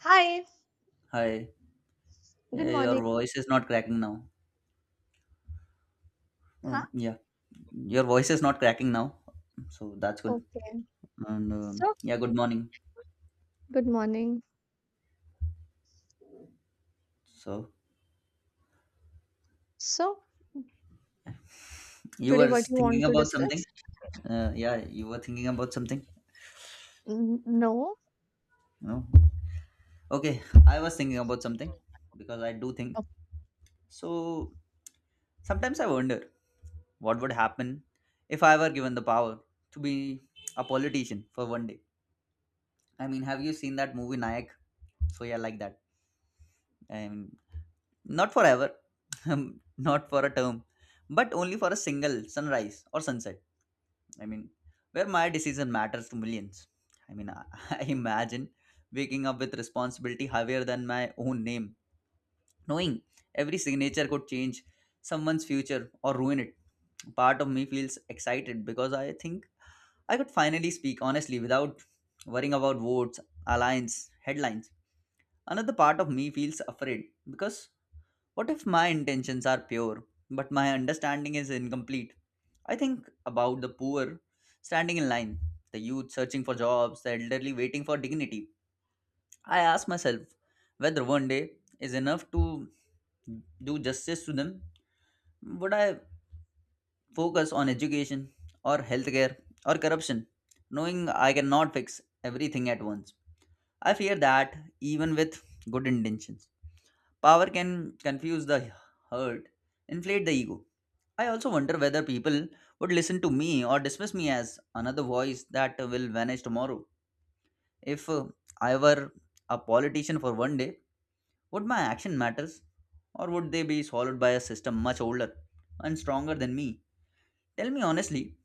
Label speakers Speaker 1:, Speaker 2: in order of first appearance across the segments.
Speaker 1: Hi,
Speaker 2: Hi. Yeah,
Speaker 1: good morning.
Speaker 2: your voice is not cracking now. Oh,
Speaker 1: Huh?
Speaker 2: yeah. Your voice is not cracking now. So that's good.
Speaker 1: Okay, so
Speaker 2: Good morning.
Speaker 1: good morning.
Speaker 2: So
Speaker 1: So,
Speaker 2: you
Speaker 1: today,
Speaker 2: were
Speaker 1: what you want
Speaker 2: thinking
Speaker 1: to
Speaker 2: about something?
Speaker 1: discuss?
Speaker 2: Yeah, you were thinking about something?
Speaker 1: No.
Speaker 2: No. Okay, I was thinking about something because I do think.
Speaker 1: Oh,
Speaker 2: So sometimes I wonder what would happen if I were given the power to be a politician for one day. I mean, have you seen that movie Nayak? So yeah, like that. I mean, not forever, not for a term, but only for a single sunrise or sunset. I mean, where my decision matters to millions. I mean, I, I imagine waking up with responsibility higher than my own name, knowing every signature could change someone's future or ruin it. Part of me feels excited because I think I could finally speak honestly without worrying about votes, alliance, headlines. Another part of me feels afraid because what if my intentions are pure, but my understanding is incomplete? I think about the poor standing in line, the youth searching for jobs, the elderly waiting for dignity. I ask myself whether one day is enough to do justice to them. Would I focus on education or healthcare or corruption, knowing I cannot fix everything at once? I fear that even with good intentions. Power can confuse the hurt, inflate the ego. I also wonder whether people would listen to me or dismiss me as another voice that will vanish tomorrow. If I were a politician for one day, would my action matters or would they be swallowed by a system much older and stronger than me? Tell me honestly,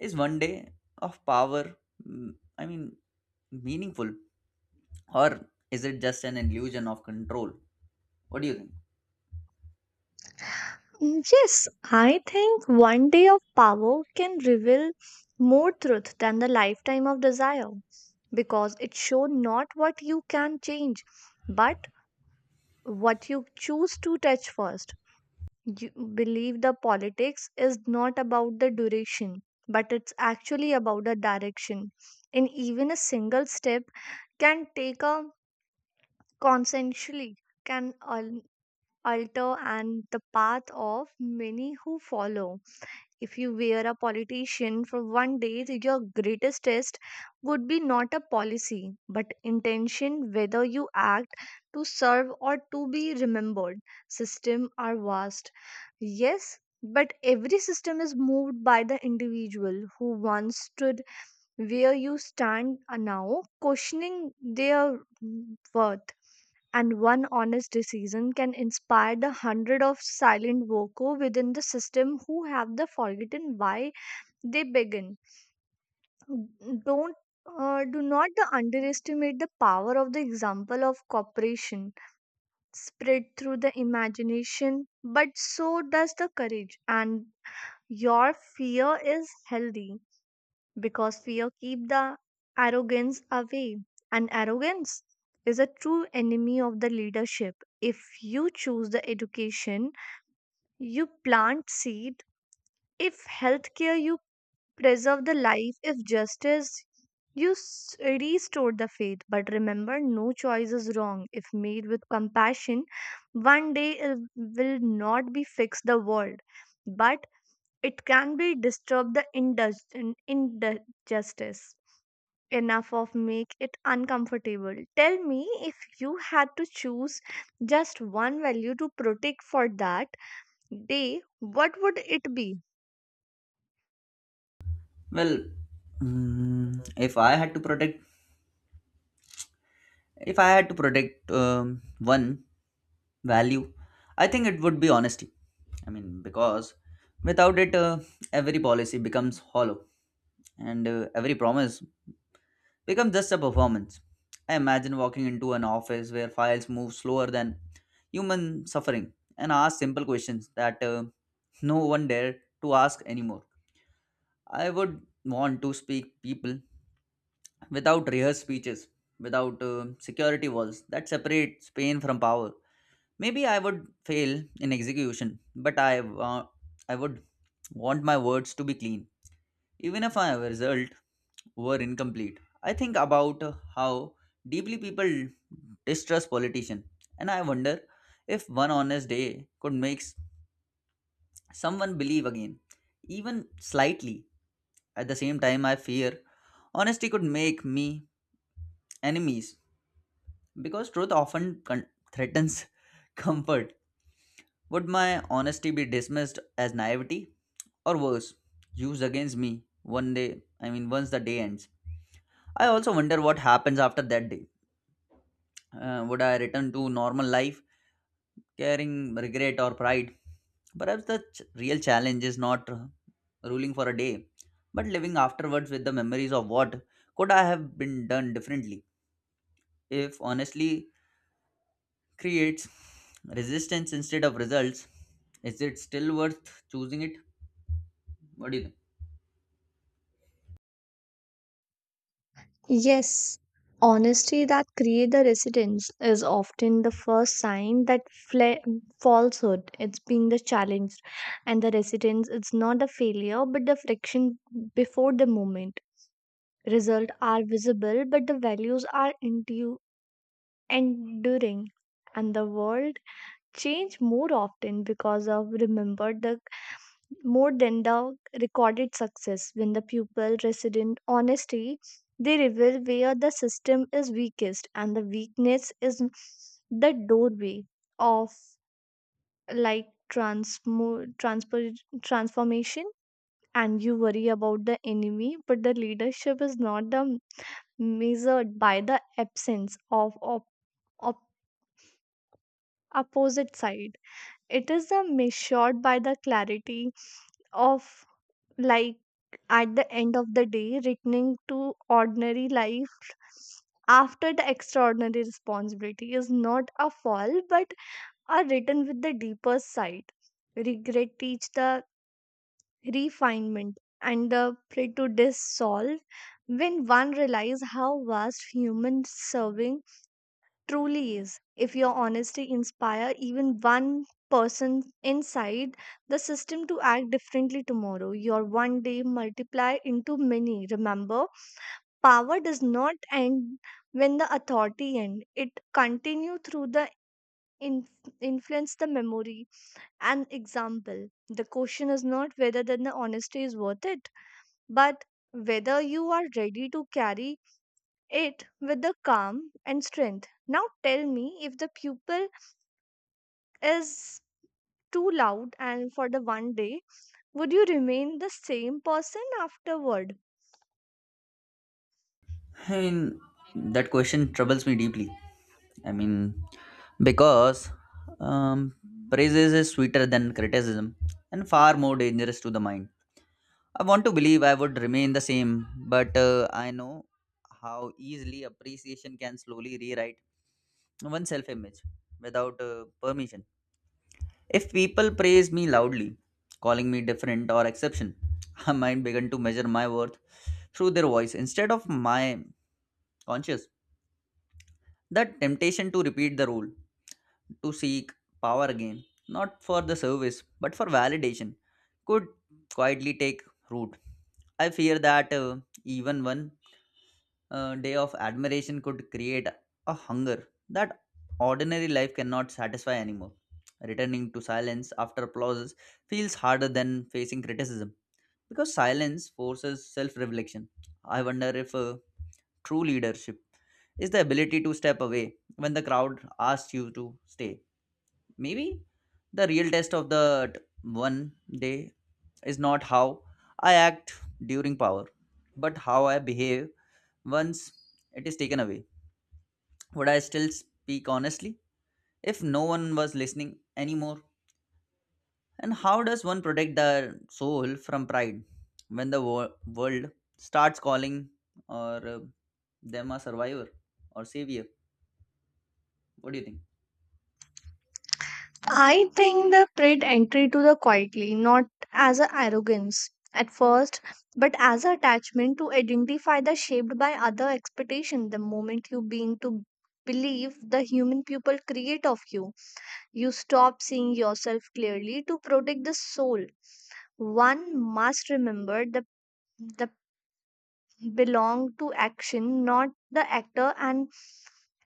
Speaker 2: is one day of power, mm, I mean, meaningful or is it just an illusion of control? What do you think?
Speaker 1: Yes, I think one day of power can reveal more truth than the lifetime of desire because it showed not what you can change, but what you choose to touch first. You believe the politics is not about the duration but it's actually about the direction, and even a single step can take a consensually can alter and the path of many who follow. If you were a politician for one day, your greatest test would be not a policy, but intention whether you act to serve or to be remembered. Systems are vast. Yes, but every system is moved by the individual who once stood where you stand are now, questioning their worth, and one honest decision can inspire the hundred of silent worker within the system who have the forgotten why they began. Don't do not underestimate the power of the example of cooperation spread through the imagination, but so does the courage. And your fear is healthy because fear keep the arrogance away, and arrogance is a true enemy of the leadership. If you choose the education, you plant seed. If healthcare, you preserve the life. If justice, you restore the faith. But remember, no choice is wrong if made with compassion. One day it will not be fix the world, but it can be disturb the injustice enough of make it uncomfortable. Tell me, if you had to choose just one value to protect for that day, what would it be?
Speaker 2: Well, if I had to protect, if I had to protect one value, I think it would be honesty. I mean, because without it, every policy becomes hollow, and every promise becomes just a performance. I imagine walking into an office where files move slower than human suffering and ask simple questions that no one dare to ask anymore. I would want to speak people without rehearsed speeches, without security walls that separate Spain from power. Maybe I would fail in execution, but I, wa- I would want my words to be clean, even if my result were incomplete. I think about how deeply people distrust politicians, and I wonder if one honest day could make someone believe again, even slightly. At the same time, I fear honesty could make me enemies. Because truth often threatens comfort, would my honesty be dismissed as naivety? Or worse, used against me one day, I mean, once the day ends? I also wonder what happens after that day. Would I return to normal life, carrying regret or pride? Perhaps the real challenge is not ruling for a day, but living afterwards with the memories of what could I have been done differently. If honestly creates resistance instead of results, is it still worth choosing it? What do you think?
Speaker 1: Yes, honesty that create the resistance is often the first sign that fla- falsehood it's being the challenge, and the resistance it's not the failure but the friction before the moment. Result are visible but the values are enduring, and the world change more often because of remembered the more than the recorded success. When the pupil resident honesty, they reveal where the system is weakest, and the weakness is the doorway of like transmo transfer transformation. And you worry about the enemy, but the leadership is not the measured by the absence of op- opposite side. It is a measured by the clarity of, like, at the end of the day, returning to ordinary life after the extraordinary responsibility is not a fall but a return with the deeper side. Regret teach the refinement, and the prejudice solve when one realize how vast human serving truly is. If your honesty inspire even one person inside the system to act differently tomorrow, your one day multiply into many. Remember, power does not end when the authority end. It continue through the in, influence the memory and example. The question is not whether then the honesty is worth it, but whether you are ready to carry it with the calm and strength. Now tell me, if the pupil is too loud and for the one day, would you remain the same person afterward?
Speaker 2: I mean, that question troubles me deeply. I mean, because um, praises is sweeter than criticism and far more dangerous to the mind. I want to believe I would remain the same, but I know how easily appreciation can slowly rewrite one's self-image without permission. If people praise me loudly, calling me different or exception, I might begin to measure my worth through their voice instead of my conscience. That temptation to repeat the rule, to seek power again, not for the service but for validation, could quietly take root. I fear that even when day of admiration could create a hunger that ordinary life cannot satisfy anymore. Returning to silence after applauses feels harder than facing criticism because silence forces self reflection. I wonder if true leadership is the ability to step away when the crowd asks you to stay. Maybe the real test of the one day is not how I act during power, but how I behave once it is taken away. Would I still speak honestly if no one was listening anymore? And how does one protect their soul from pride when the world starts calling or them a survivor or savior? What do you think?
Speaker 1: I think the pride entry to the quietly, not as a arrogance at first, but as a attachment to identify the shaped by other expectation. The moment you begin to believe the human people create of you, you stop seeing yourself clearly to protect the soul. One must remember the the belong to action, not the actor, and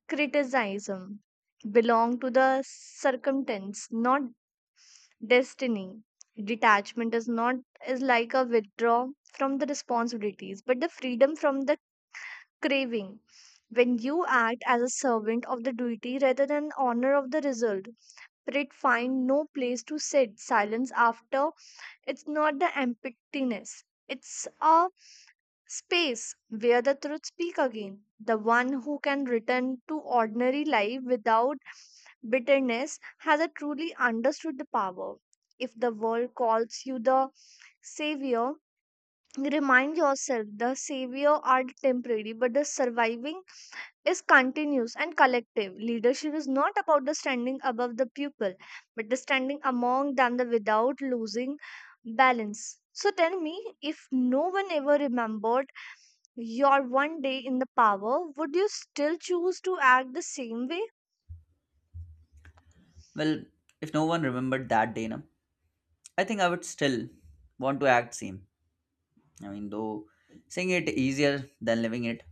Speaker 1: criticism belong to the circumstance, not destiny. Detachment is not, is like a withdraw from the responsibilities, but the freedom from the craving. When you act as a servant of the duty rather than honor of the result, pride find no place to sit. Silence after it's not the emptiness. It's a space where the truth speak again. The one who can return to ordinary life without bitterness hasn't truly understood the power. If the world calls you the savior, remind yourself the savior are temporary, but the surviving is continuous and collective. Leadership is not about the standing above the people, but the standing among them the without losing balance. So tell me, if no one ever remembered your one day in the power, would you still choose to act the same way?
Speaker 2: Well, if no one remembered that day, na, I think I would still want to act same. I mean, though saying it easier than living it,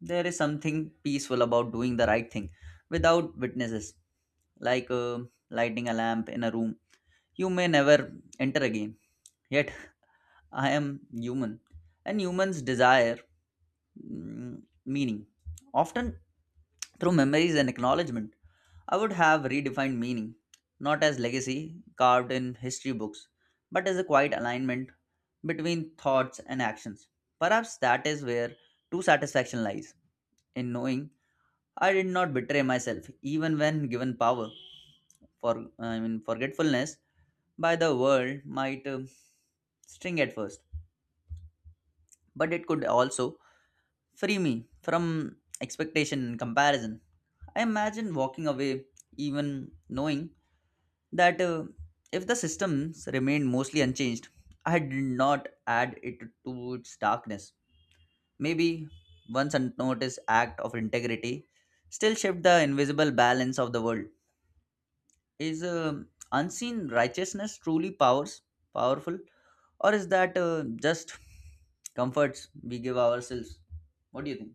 Speaker 2: there is something peaceful about doing the right thing without witnesses, like lighting a lamp in a room you may never enter again. Yet I am human, and humans desire meaning, often through memories and acknowledgement. I would have redefined meaning, not as legacy carved in history books, but as a quiet alignment between thoughts and actions. Perhaps that is where true satisfaction lies in knowing I did not betray myself, even when given power. For I mean, forgetfulness by the world might sting at first, but it could also free me from expectation and comparison. I imagine walking away even knowing that if the systems remained mostly unchanged, I did not add it to its darkness. Maybe once unnoticed act of integrity still shift the invisible balance of the world. Is unseen righteousness truly powers powerful, or is that just comforts we give ourselves? What do you think?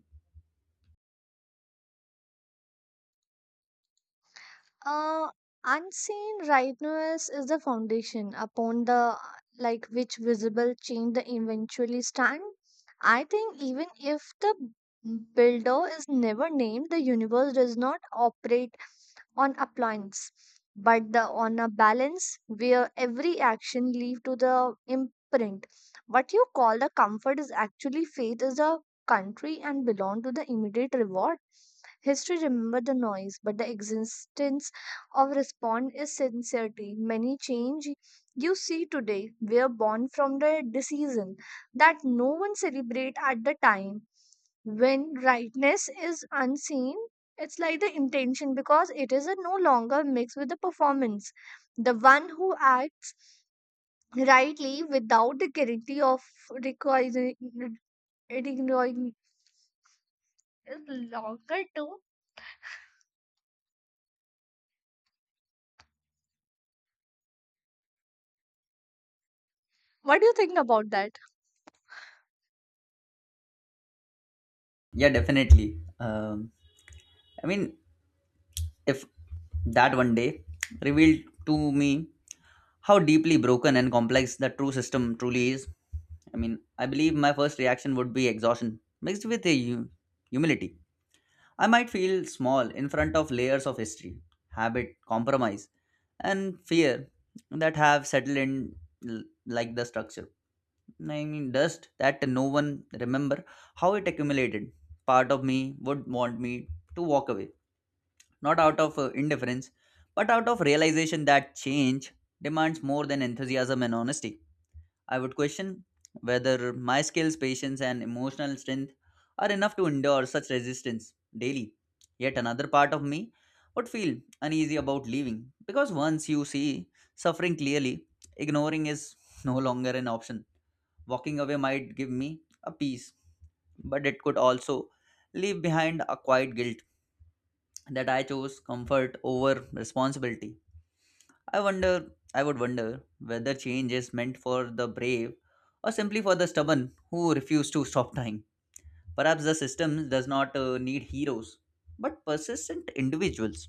Speaker 1: Uh, unseen rightness is the foundation upon the like which visible change the eventually stand. I think even if the builder is never named, the universe does not operate on appliance but the on a balance where every action lead to the imprint. What you call the comfort is actually faith, is a country and belong to the immediate reward. History remember the noise, but the existence of response is sincerity. Many change you see today were born from the decision that no one celebrate at the time. When rightness is unseen, it's like the intention because it is a no longer mixed with the performance. The one who acts rightly without the guarantee of requiring, requiring is longer too. What do you think about that?
Speaker 2: Yeah, definitely. I mean, if that one day revealed to me how deeply broken and complex the true system truly is, I mean, I believe my first reaction would be exhaustion mixed with a humility. I might feel small in front of layers of history, habit, compromise, and fear that have settled in like the structure. I mean, dust that no one remember how it accumulated. Part of me would want me to walk away not out of indifference, but out of realization that change demands more than enthusiasm and honesty. I would question whether my skills, patience, and emotional strength are enough to endure such resistance daily. Yet another part of me would feel uneasy about leaving because once you see suffering clearly, ignoring is no longer an option. Walking away might give me a peace, but it could also leave behind a quiet guilt that I chose comfort over responsibility. I would wonder whether change is meant for the brave or simply for the stubborn who refuse to stop trying. Perhaps the system does not need heroes, but persistent individuals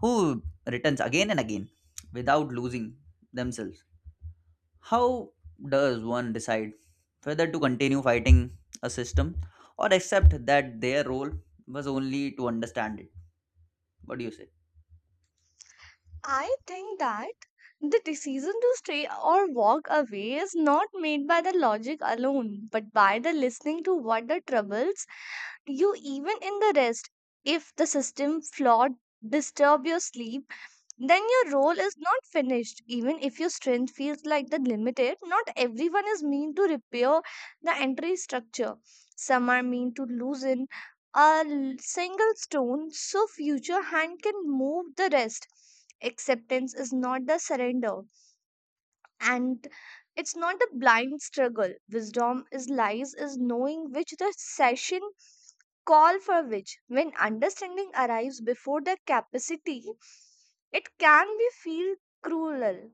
Speaker 2: who returns again and again without losing themselves. How does one decide whether to continue fighting a system or accept that their role was only to understand it? What do you say?
Speaker 1: I think that the decision to stay or walk away is not made by the logic alone, but by the listening to what the troubles you even in the rest. If the system flawed disturb your sleep, then your role is not finished. Even if your strength feels like the limited, not everyone is mean to repair the entry structure. Some are mean to loosen a single stone so future hand can move the rest. Acceptance is not the surrender, and it's not the blind struggle. Wisdom is lies is knowing which the session call for which. When understanding arrives before the capacity, it can be feel cruel,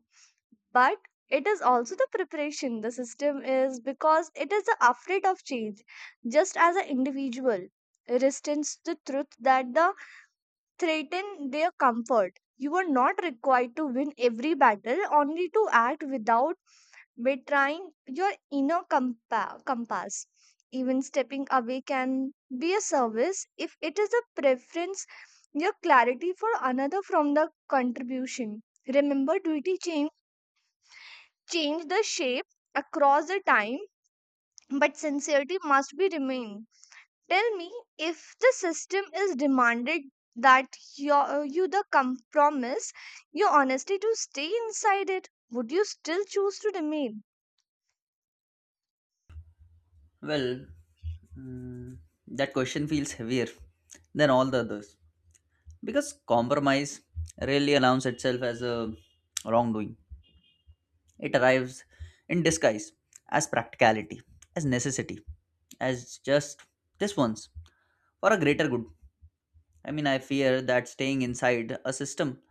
Speaker 1: but it is also the preparation. The system is because it is afraid of change, just as an individual resistance the truth that the threaten their comfort. You are not required to win every battle, only to act without betraying your inner compass. Even stepping away can be a service if it is a preference your clarity for another from the contribution. Remember, duty change the shape across the time, but sincerity must be remain. Tell me, if the system is demanded that your, you the compromise your honesty to stay inside it, would you still choose to remain?
Speaker 2: Well, mm, that question feels heavier than all the others because compromise rarely announces itself as a wrongdoing. It arrives in disguise as practicality, as necessity, as just this once for a greater good. I mean, I fear that staying inside a system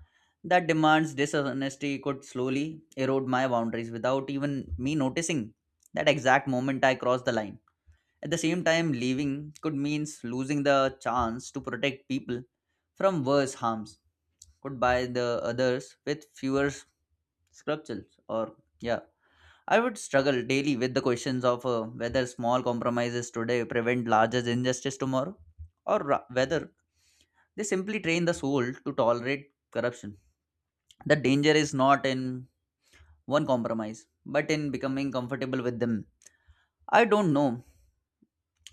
Speaker 2: that demands dishonesty could slowly erode my boundaries without even me noticing that exact moment I cross the line. At the same time, leaving could mean losing the chance to protect people from worse harms, could by the others with fewer sculptures. Or, yeah, I would struggle daily with the questions of whether small compromises today prevent larger injustice tomorrow, or whether they simply train the soul to tolerate corruption. The danger is not in one compromise, but in becoming comfortable with them. I don't know,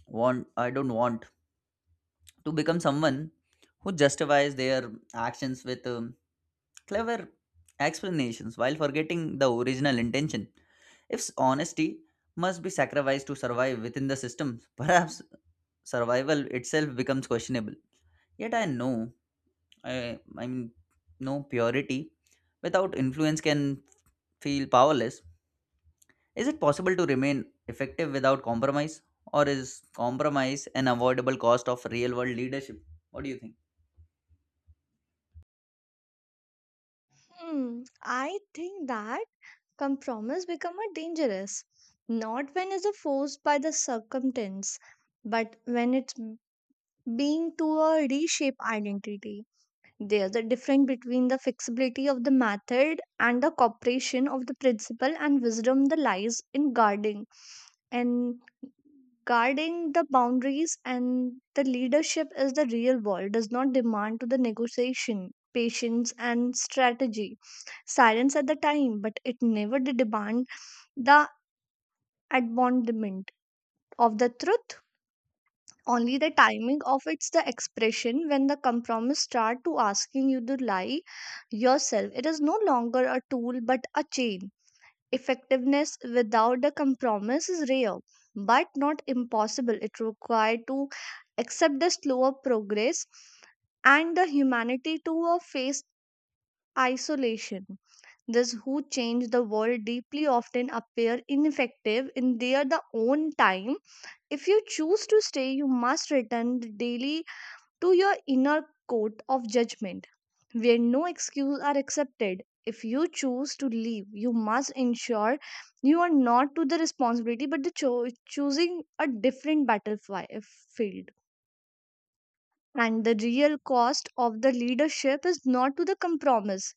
Speaker 2: I don't want to become someone who justifies their actions with clever explanations while forgetting the original intention. If honesty must be sacrificed to survive within the system, perhaps survival itself becomes questionable. Yet I mean, no purity without influence can feel powerless. Is it possible to remain effective without compromise, or is compromise an avoidable cost of real world leadership? What do you think?
Speaker 1: Hmm, I think that compromise become a dangerous, not when it's forced by the circumstance, but when it's being to a reshape identity. There's a difference between the flexibility of the method and the cooperation of the principle, and wisdom that lies in guarding and guarding the boundaries. And the leadership is the real world does not demand to the negotiation patience and strategy silence at the time, but it never did demand the abandonment of the truth, only the timing of it's the expression. When the compromise start to asking you to lie yourself, it is no longer a tool but a chain. Effectiveness without the compromise is rare but not impossible. It required to accept the slower progress and the humanity to a face isolation. Those who change the world deeply often appear ineffective in their the own time. If you choose to stay, you must return daily to your inner court of judgment, where no excuse are accepted. If you choose to leave, you must ensure you are not to the responsibility but the choosing a different battlefield. And the real cost of the leadership is not to the compromise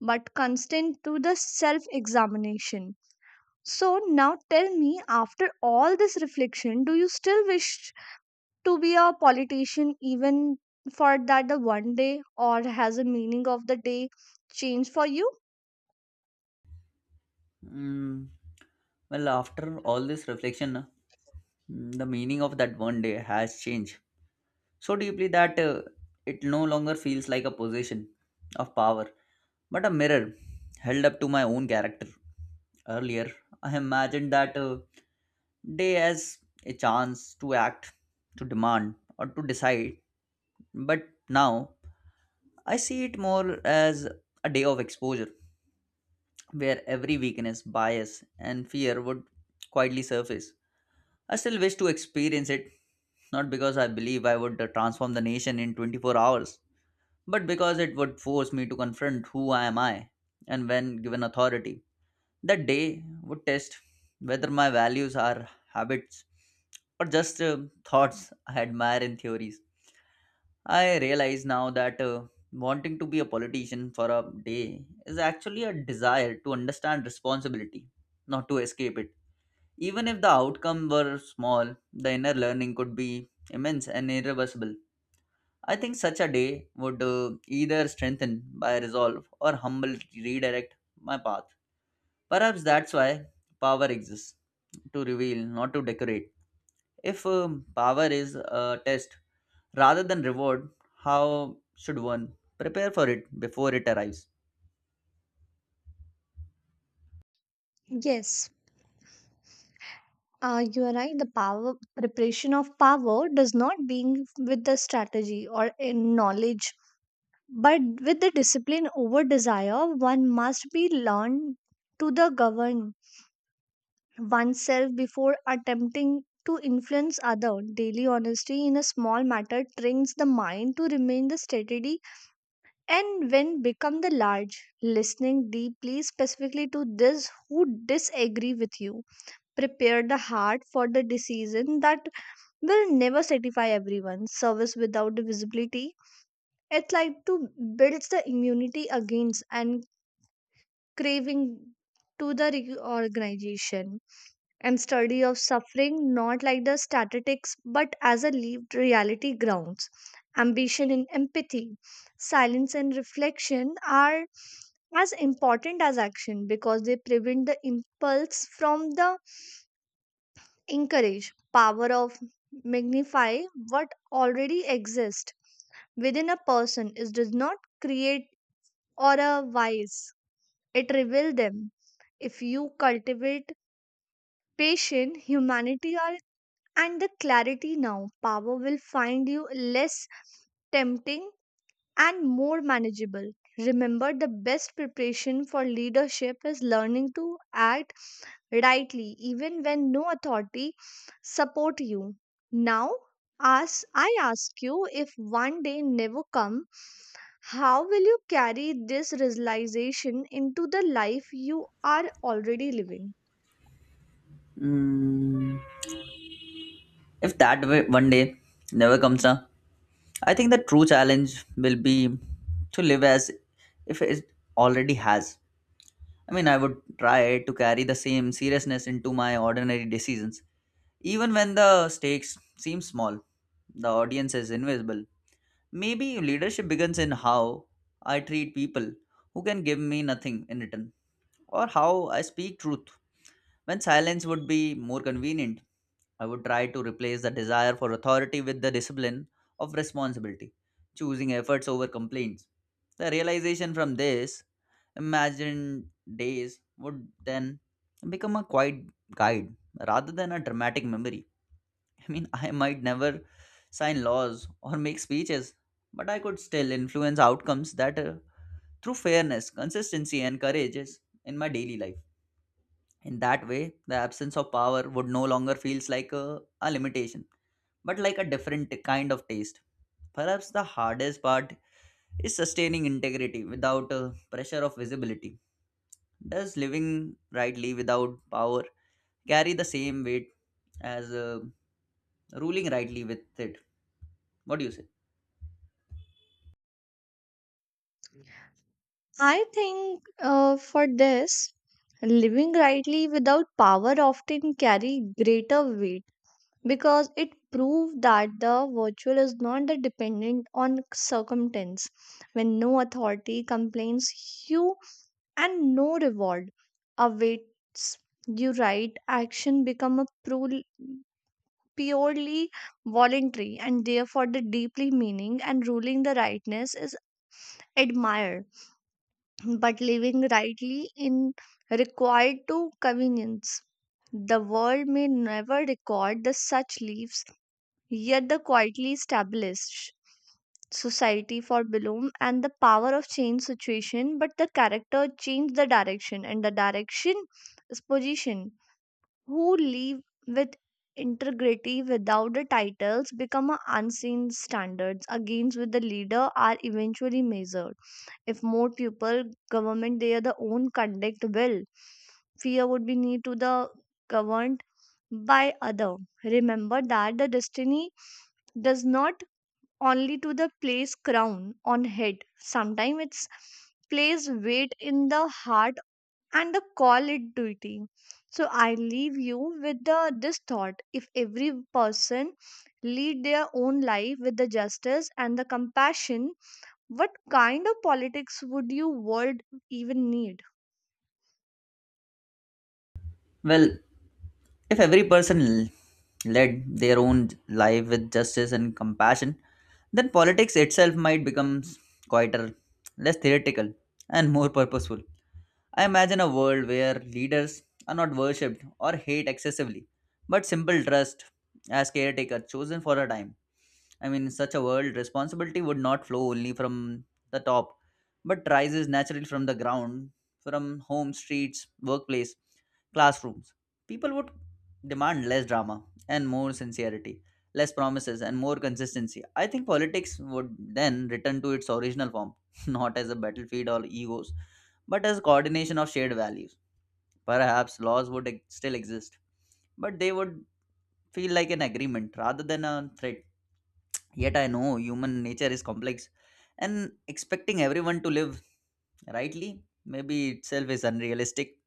Speaker 1: but constant to the self examination. So, now tell me, after all this reflection, do you still wish to be a politician even for that the one day, or has a meaning of the day change for you?
Speaker 2: Mm, well, after all this reflection, the meaning of that one day has changed so deeply that it no longer feels like a possession of power, but a mirror held up to my own character. Earlier, I imagined that day as a chance to act, to demand, or to decide, but now I see it more as a day of exposure where every weakness, bias, and fear would quietly surface. I still wish to experience it, not because I believe I would transform the nation in 24 hours, but because it would force me to confront who I am I and when given authority. That day would test whether my values are habits or just thoughts I admire in theories. I realize now that wanting to be a politician for a day is actually a desire to understand responsibility, not to escape it. Even if the outcome were small, the inner learning could be immense and irreversible. I think such a day would either strengthen my resolve or humble redirect my path. Perhaps that's why power exists to reveal, not to decorate. If power is a test rather than reward, how should one prepare for it before it arrives?
Speaker 1: Yes, you are right. The power preparation of power does not being with the strategy or in knowledge, but with the discipline over desire. One must be learned to the govern oneself before attempting to influence other. Daily honesty in a small matter trains the mind to remain the steady. And when become the large, listening deeply specifically to this who disagree with you. Prepare the heart for the decision that will never satisfy everyone. Service without the visibility. It's like to builds the immunity against and craving to the reorganization. And study of suffering not like the statistics but as a lived reality grounds ambition and empathy. Silence and reflection are as important as action because they prevent the impulse from the encourage. Power of magnify what already exists within a person. It does not create or a vice, it reveals them. If you cultivate patience, humanity are, and the clarity now, power will find you less tempting and more manageable. Remember, the best preparation for leadership is learning to act rightly even when no authority support you. Now, as I ask you, if one day never come, how will you carry this realization into the life you are already living?
Speaker 2: Mm, if that way one day never comes, huh? I think the true challenge will be to live as if it already has. I mean, I would try to carry the same seriousness into my ordinary decisions, even when the stakes seem small. The audience is invisible. Maybe leadership begins in how I treat people who can give me nothing in return, or how I speak truth when silence would be more convenient. I would try to replace the desire for authority with the discipline of responsibility, choosing efforts over complaints. The realization from this imagined days would then become a quiet guide rather than a dramatic memory. I mean, I might never sign laws or make speeches, but I could still influence outcomes that through fairness, consistency, and courage is in my daily life in that way the absence of power would no longer feels like a limitation but like a different kind of taste. Perhaps the hardest part is sustaining integrity without a pressure of visibility. Does living rightly without power carry the same weight as ruling rightly with it? What do you say?
Speaker 1: I think, for this, living rightly without power often carry greater weight because it proved that the virtual is not that dependent on circumstance. When no authority complains you and no reward awaits you, right action become a purely voluntary and therefore the deeply meaning. And ruling the rightness is admired, but living rightly in required to convenience. The world may never record the such leaves, yet the quietly established society for Bloom. And the power of change situation, but the character changed the direction, and the direction is position. Who live with integrity without the titles become a unseen standards against with the leader are eventually measured. If more people government their the own conduct will, fear would be need to the governed by other. Remember that the destiny does not only to the place crown on head, sometimes it's place weight in the heart and the call it duty. So I leave you with the this thought: if every person lead their own life with the justice and the compassion, what kind of politics would you world even need?
Speaker 2: Well, if every person led their own life with justice and compassion, then politics itself might become quieter, less theoretical, and more purposeful. I imagine a world where leaders are not worshipped or hate excessively, but simple trust as caretaker chosen for a time. I mean, in such a world, responsibility would not flow only from the top, but rises naturally from the ground, from home, streets, workplace, classrooms. People would demand less drama and more sincerity, less promises and more consistency. I think politics would then return to its original form, not as a battlefield or egos, but as coordination of shared values. Perhaps laws would still exist, but they would feel like an agreement rather than a threat. Yet I know human nature is complex, and expecting everyone to live rightly maybe itself is unrealistic.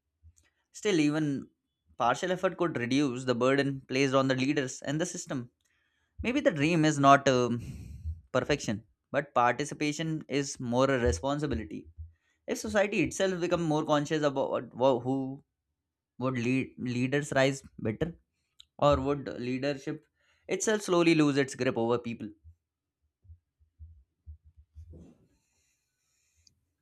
Speaker 2: Still, even partial effort could reduce the burden placed on the leaders and the system. Maybe the dream is not perfection, but participation is more a responsibility. If society itself become more conscious about who would lead leaders rise better, or would leadership itself slowly lose its grip over people?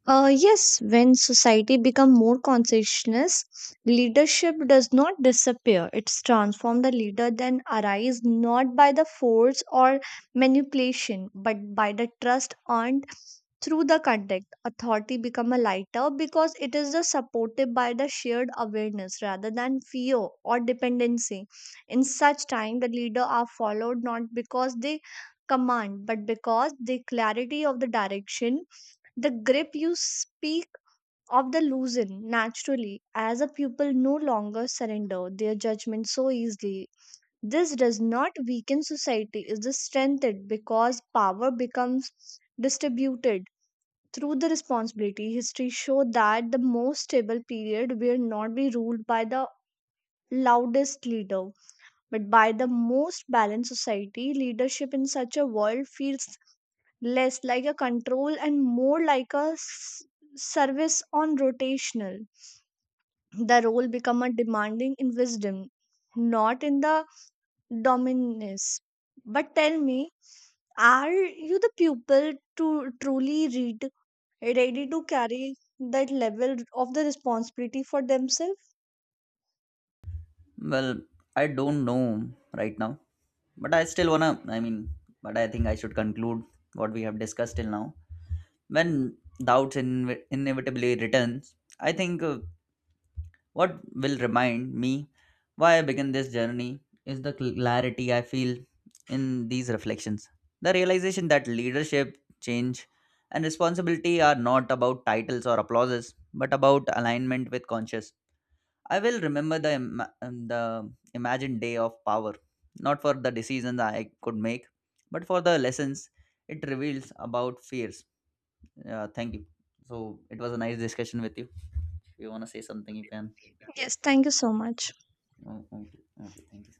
Speaker 1: Yes, when society become more conscientious, leadership does not disappear. It's transformed. The leader then arise not by the force or manipulation, but by the trust earned through the contact. Authority become a lighter because it is the supported by the shared awareness rather than fear or dependency. In such time, the leader are followed not because they command, but because the clarity of the direction the grip you speak of the loosen naturally as a pupil no longer surrender their judgment so easily. This does not weaken society, it is strengthened because power becomes distributed through the responsibility. History show that the most stable period will not be ruled by the loudest leader, but by the most balanced society. Leadership in such a world feels less like a control and more like a service on rotational. The role become a demanding in wisdom, not in the dominance. But tell me, are you the pupil to truly read ready to carry that level of the responsibility for themselves?
Speaker 2: Well, I don't know right now, but I still wanna. I mean, but I think I should conclude what we have discussed till now. When doubts inevitably returns, I think what will remind me why I began this journey is the clarity I feel in these reflections. The realization that leadership, change, and responsibility are not about titles or applauses, but about alignment with conscious. I will remember the the imagined day of power, not for the decisions I could make, but for the lessons it reveals about fears. Yeah, thank you. So it was a nice discussion with you. If you want to say something, you can.
Speaker 1: Yes, thank you so much.
Speaker 2: Oh, okay, okay, thank you.